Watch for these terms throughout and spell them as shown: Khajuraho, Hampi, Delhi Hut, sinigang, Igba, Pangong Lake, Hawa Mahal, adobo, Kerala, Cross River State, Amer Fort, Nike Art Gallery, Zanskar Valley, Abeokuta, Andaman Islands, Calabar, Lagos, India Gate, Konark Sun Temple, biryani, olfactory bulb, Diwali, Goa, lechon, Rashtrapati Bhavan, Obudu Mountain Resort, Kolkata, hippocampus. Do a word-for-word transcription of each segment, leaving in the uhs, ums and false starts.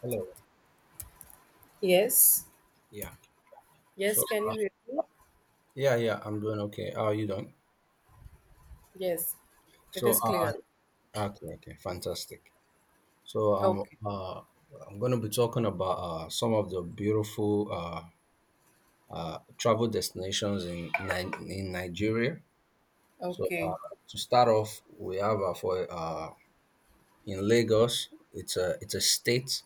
Hello. Yes. Yeah. So, Yes, can uh, you hear me? yeah, yeah, I'm doing okay. How are you doing? Yes. So, It is uh, clear. okay, okay, fantastic. So, um, Okay. uh, I'm going to be talking about uh, some of the beautiful uh, uh, travel destinations in Ni- in Nigeria. So, uh, Okay. to start off, we have uh, for uh, in Lagos. It's a it's a state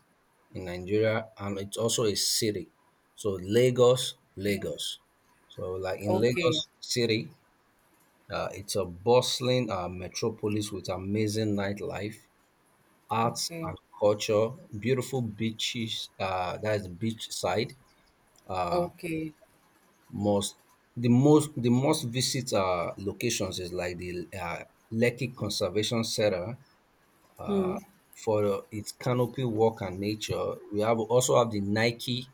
in Nigeria, and it's also a city. So, Lagos, Lagos. So, like in Okay. Lagos City, Uh, it's a bustling uh, metropolis with amazing nightlife, arts Okay. and culture, beautiful beaches. Uh, that is beachside. Uh, Okay. most the most the most visit uh, locations is like the uh, Lekki Conservation Center. Uh, Hmm. for its canopy walk and nature, we have also have the Nike,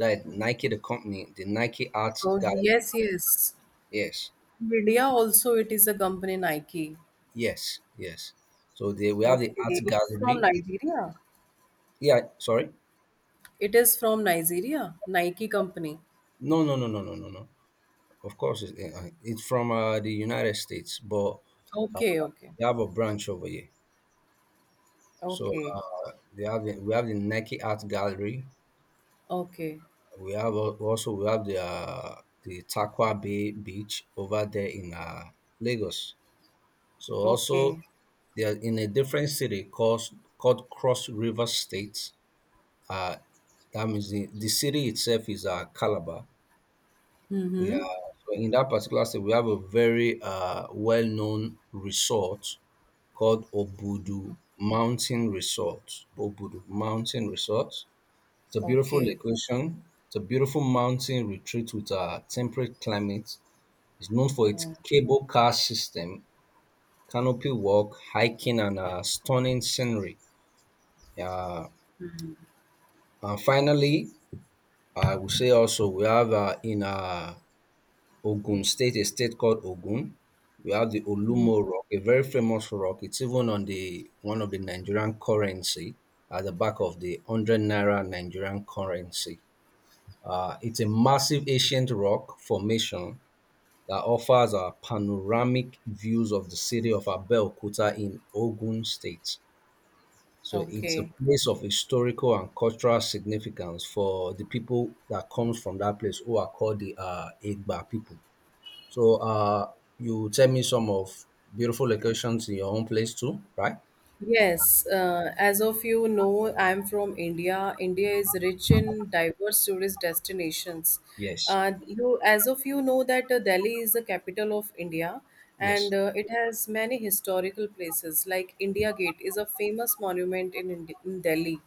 that Nike the company, the Nike Arts Oh Gallery. yes, yes. Yes, India also it is a company Nike. yes, yes. So they, we have the Arts Okay. It is from Gallery. Nigeria. Yeah, sorry. It is from Nigeria. Nike company. No, no, no, no, no, no, no. Of course, it's, uh, it's from uh, the United States, but uh, Okay, okay. they have a branch over here. So Okay. uh, they have the, we have the Nike Art Gallery. Okay. We have al- also we have the uh, the Takwa Bay Beach over there in uh, Lagos. So also Okay. they are in a different city called called Cross River State. Uh, that means the, the city itself is uh, Calabar. Yeah, Mm-hmm. so in that particular state, we have a very uh, well-known resort called Obudu Mountain Resort. Obudu Mountain Resort. It's a beautiful Okay. location. It's a beautiful mountain retreat with a temperate climate. It's known for its Mm. cable car system, canopy walk, hiking, and uh, stunning scenery. Yeah, and finally, I would say also we have uh, in uh, Ogun State, a state called Ogun. We have the Olumo Rock, a very famous rock. It's even on the one of the Nigerian currency at the back of the one hundred naira Nigerian currency. Uh, it's a massive ancient rock formation that offers a panoramic views of the city of Abeokuta in Ogun State. So it's a Okay. place of historical and cultural significance for the people that comes from that place who are called the uh, Igba people. So uh, you tell me some of beautiful locations in your own place too, right? Yes, uh, as of you know, I'm from India. India is rich in diverse tourist destinations. Yes, Uh, you, as of you know, that uh, Delhi is the capital of India, yes, and uh, it has many historical places. Like India Gate is a famous monument in, Indi- in Delhi.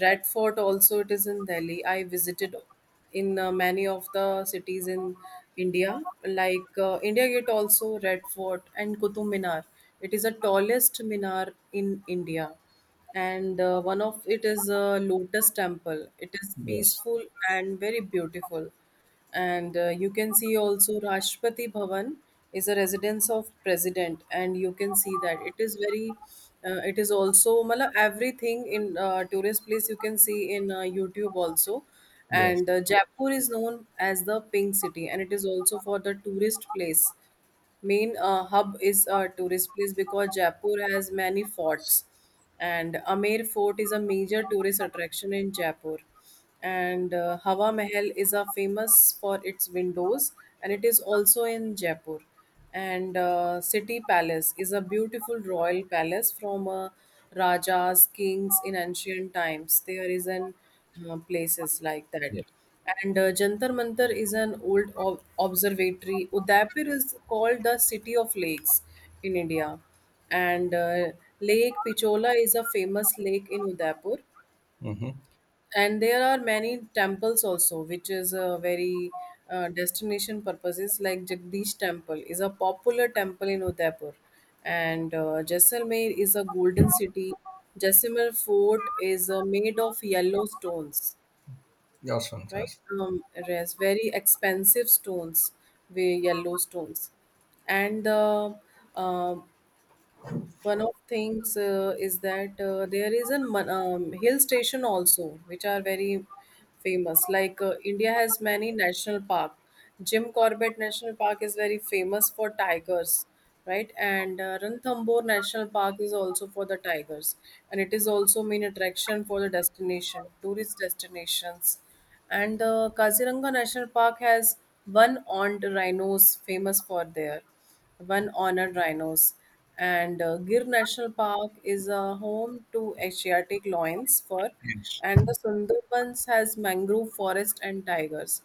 Red Fort also it is in Delhi. I visited in uh, many of the cities in India, like uh, India Gate, also Red Fort and Qutub Minar. It is the tallest minar in India, and uh, one of it is a Lotus Temple. It is yes. peaceful and very beautiful and uh, you can see also Rashtrapati Bhavan is a residence of president and you can see that it is very uh, it is also mala everything in uh, tourist place you can see in uh, YouTube also Yes. and uh, Jaipur is known as the pink city and it is also for the tourist place main uh, hub is a tourist place because Jaipur has many forts, and Amer Fort is a major tourist attraction in Jaipur. And uh, Hawa Mahal is a famous for its windows, and it is also in Jaipur. And uh, City Palace is a beautiful royal palace from uh, rajas, kings in ancient times. There is an uh, places like that Yes, and uh, Jantar Mantar is an old ob- observatory. Udaipur is called the city of lakes in India. And uh, Lake Pichola is a famous lake in Udaipur. mm-hmm. And there are many temples also, which is a very uh, destination purposes like Jagdish Temple is a popular temple in Udaipur. And uh, Jaisalmer is a golden city. Jaisalmer fort is uh, made of yellow stones, That's right? fantastic. Um, yes, very expensive stones, very yellow stones, and the um one of things uh, is that uh, there is a mon- um, hill station also which are very famous like uh, india has many national park jim corbett national park is very famous for tigers, right, and uh, ranthambore national park is also for the tigers and it is also main attraction for the destination tourist destinations and the kaziranga national park has one armed rhinos famous for there one honored rhinos. And uh, Gir National Park is a home to Asiatic lions, fur, Yes, and the Sundarbans has mangrove forest and tigers.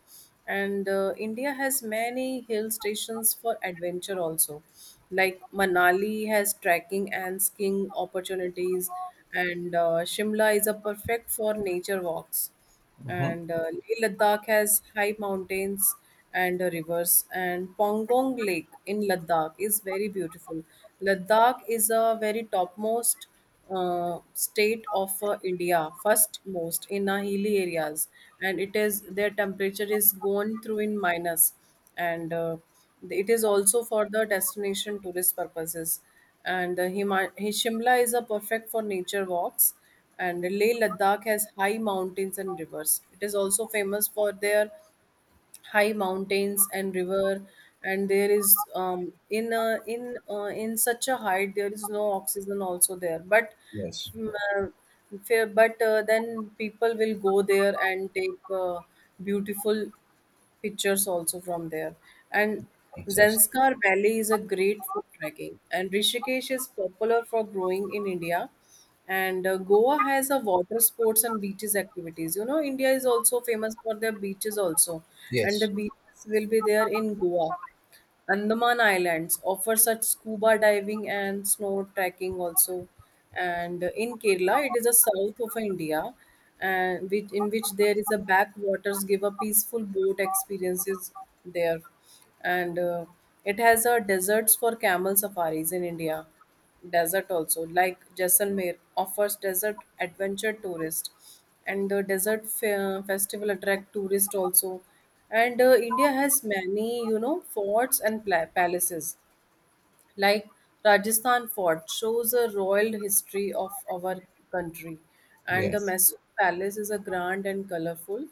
And uh, India has many hill stations for adventure also. Like Manali has trekking and skiing opportunities, and uh, Shimla is a perfect for nature walks mm-hmm. and uh, Leh Ladakh has high mountains and uh, rivers, and Pongong Lake in Ladakh is very beautiful. Ladakh is a very topmost uh, state of uh, India, first most in uh, hilly areas, and it is their temperature is gone through in minus, and uh, it is also for the destination tourist purposes and uh, Hima- Shimla is a perfect for nature walks. And Leh Ladakh has high mountains and rivers. It is also famous for their high mountains and river. And there is um, in uh, in uh, in such a height there is no oxygen also there. But Yes. mm, uh, fa- but uh, then people will go there and take uh, beautiful pictures also from there. And Fantastic. Zanskar Valley is a great for trekking, and Rishikesh is popular for growing in India. And uh, Goa has a water sports and beaches activities. You know, India is also famous for their beaches also, and the Yes. beaches will be there in Goa. Andaman Islands offer such scuba diving and snow trekking also. And in Kerala, it is a south of India, and which in which there is a backwaters give a peaceful boat experiences there, and uh, it has a deserts for camel safaris in India desert also like jaisalmer offers desert adventure tourist and the desert fe- festival attract tourist also and uh, india has many you know forts and pla- palaces like Rajasthan fort shows a royal history of our country and the Yes. Mysore palace is a grand and colorful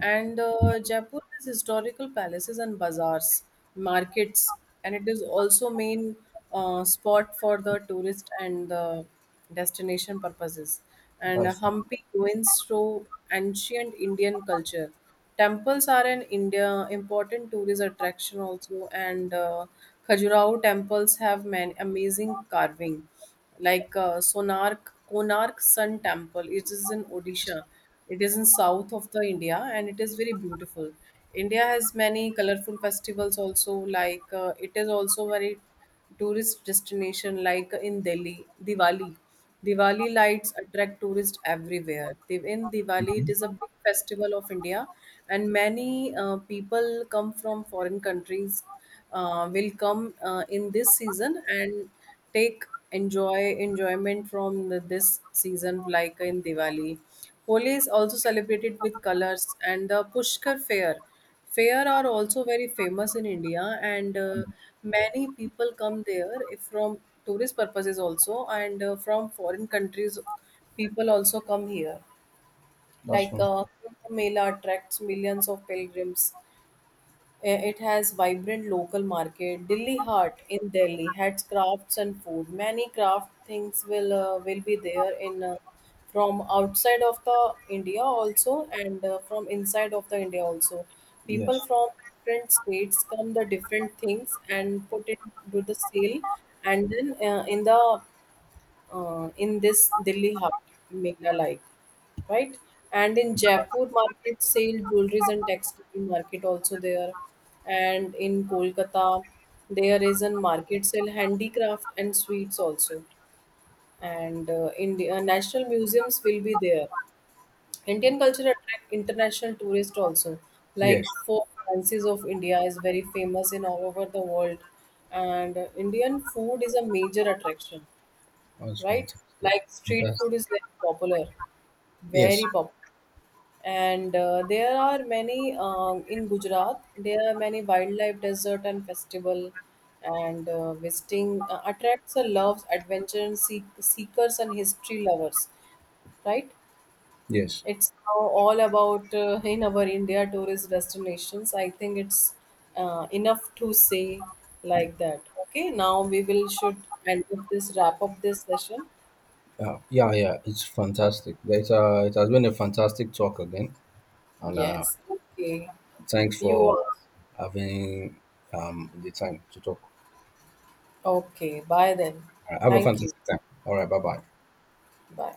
and uh, Jaipur has historical palaces and bazaars markets and it is also main uh, spot for the tourist and the destination purposes. And That's Hampi ruins show ancient Indian culture. Temples are in India important tourist attraction also, and uh, Khajuraho temples have many amazing carving, like uh, Sonark Konark Sun Temple. It is in Odisha. It is in south of the India, and it is very beautiful. India has many colorful festivals also, like uh, it is also very tourist destination like in Delhi, Diwali. Diwali lights attract tourists everywhere. Div- In Diwali, it mhm. is a big festival of India, and many uh, people come from foreign countries uh, will come uh, in this season and take enjoy enjoyment from the, this season like in Diwali. Holi is also celebrated with colors and the Pushkar fair Fair are also very famous in India, and uh, many people come there if from tourist purposes also, and uh, from foreign countries, people also come here. That's Like fun. uh, Kumbh Mela attracts millions of pilgrims. Eh, it has vibrant local market. Delhi Heart in Delhi has crafts and food. Many craft things will uh, will be there in uh, from outside of the India also and uh, from inside of the India also. Yes. People from different states come the different things and put it to the sale and then uh, in the uh, in this Delhi Hut, Mela like, right? And in Jaipur market, sale jewelries and textile market also there. And in Kolkata, there is a market sale handicraft and sweets also. And uh, in the uh, national museums will be there. Indian culture attract international tourists also. Yes. Like Four Fancies of India is very famous in all over the world, and uh, Indian food is a major attraction, That's right? fantastic. Like street Fantastic. food is very popular, Yes. very popular. And uh, there are many uh, in Gujarat. There are many wildlife desert and festival, and uh, visiting uh, attracts a loves adventure and seek, seekers and history lovers, right? Yes. It's now all about uh, in our India tourist destinations. I think it's uh, enough to say like that. Okay, now we will should end up this wrap up this session. Yeah. Yeah. Yeah. It's fantastic. It's, uh, it has been a fantastic talk again, and uh, Yes. Okay. thanks You for are. having um, the time to talk. Okay. Bye then. I have a Thank you. fantastic time. All right, bye bye. Bye.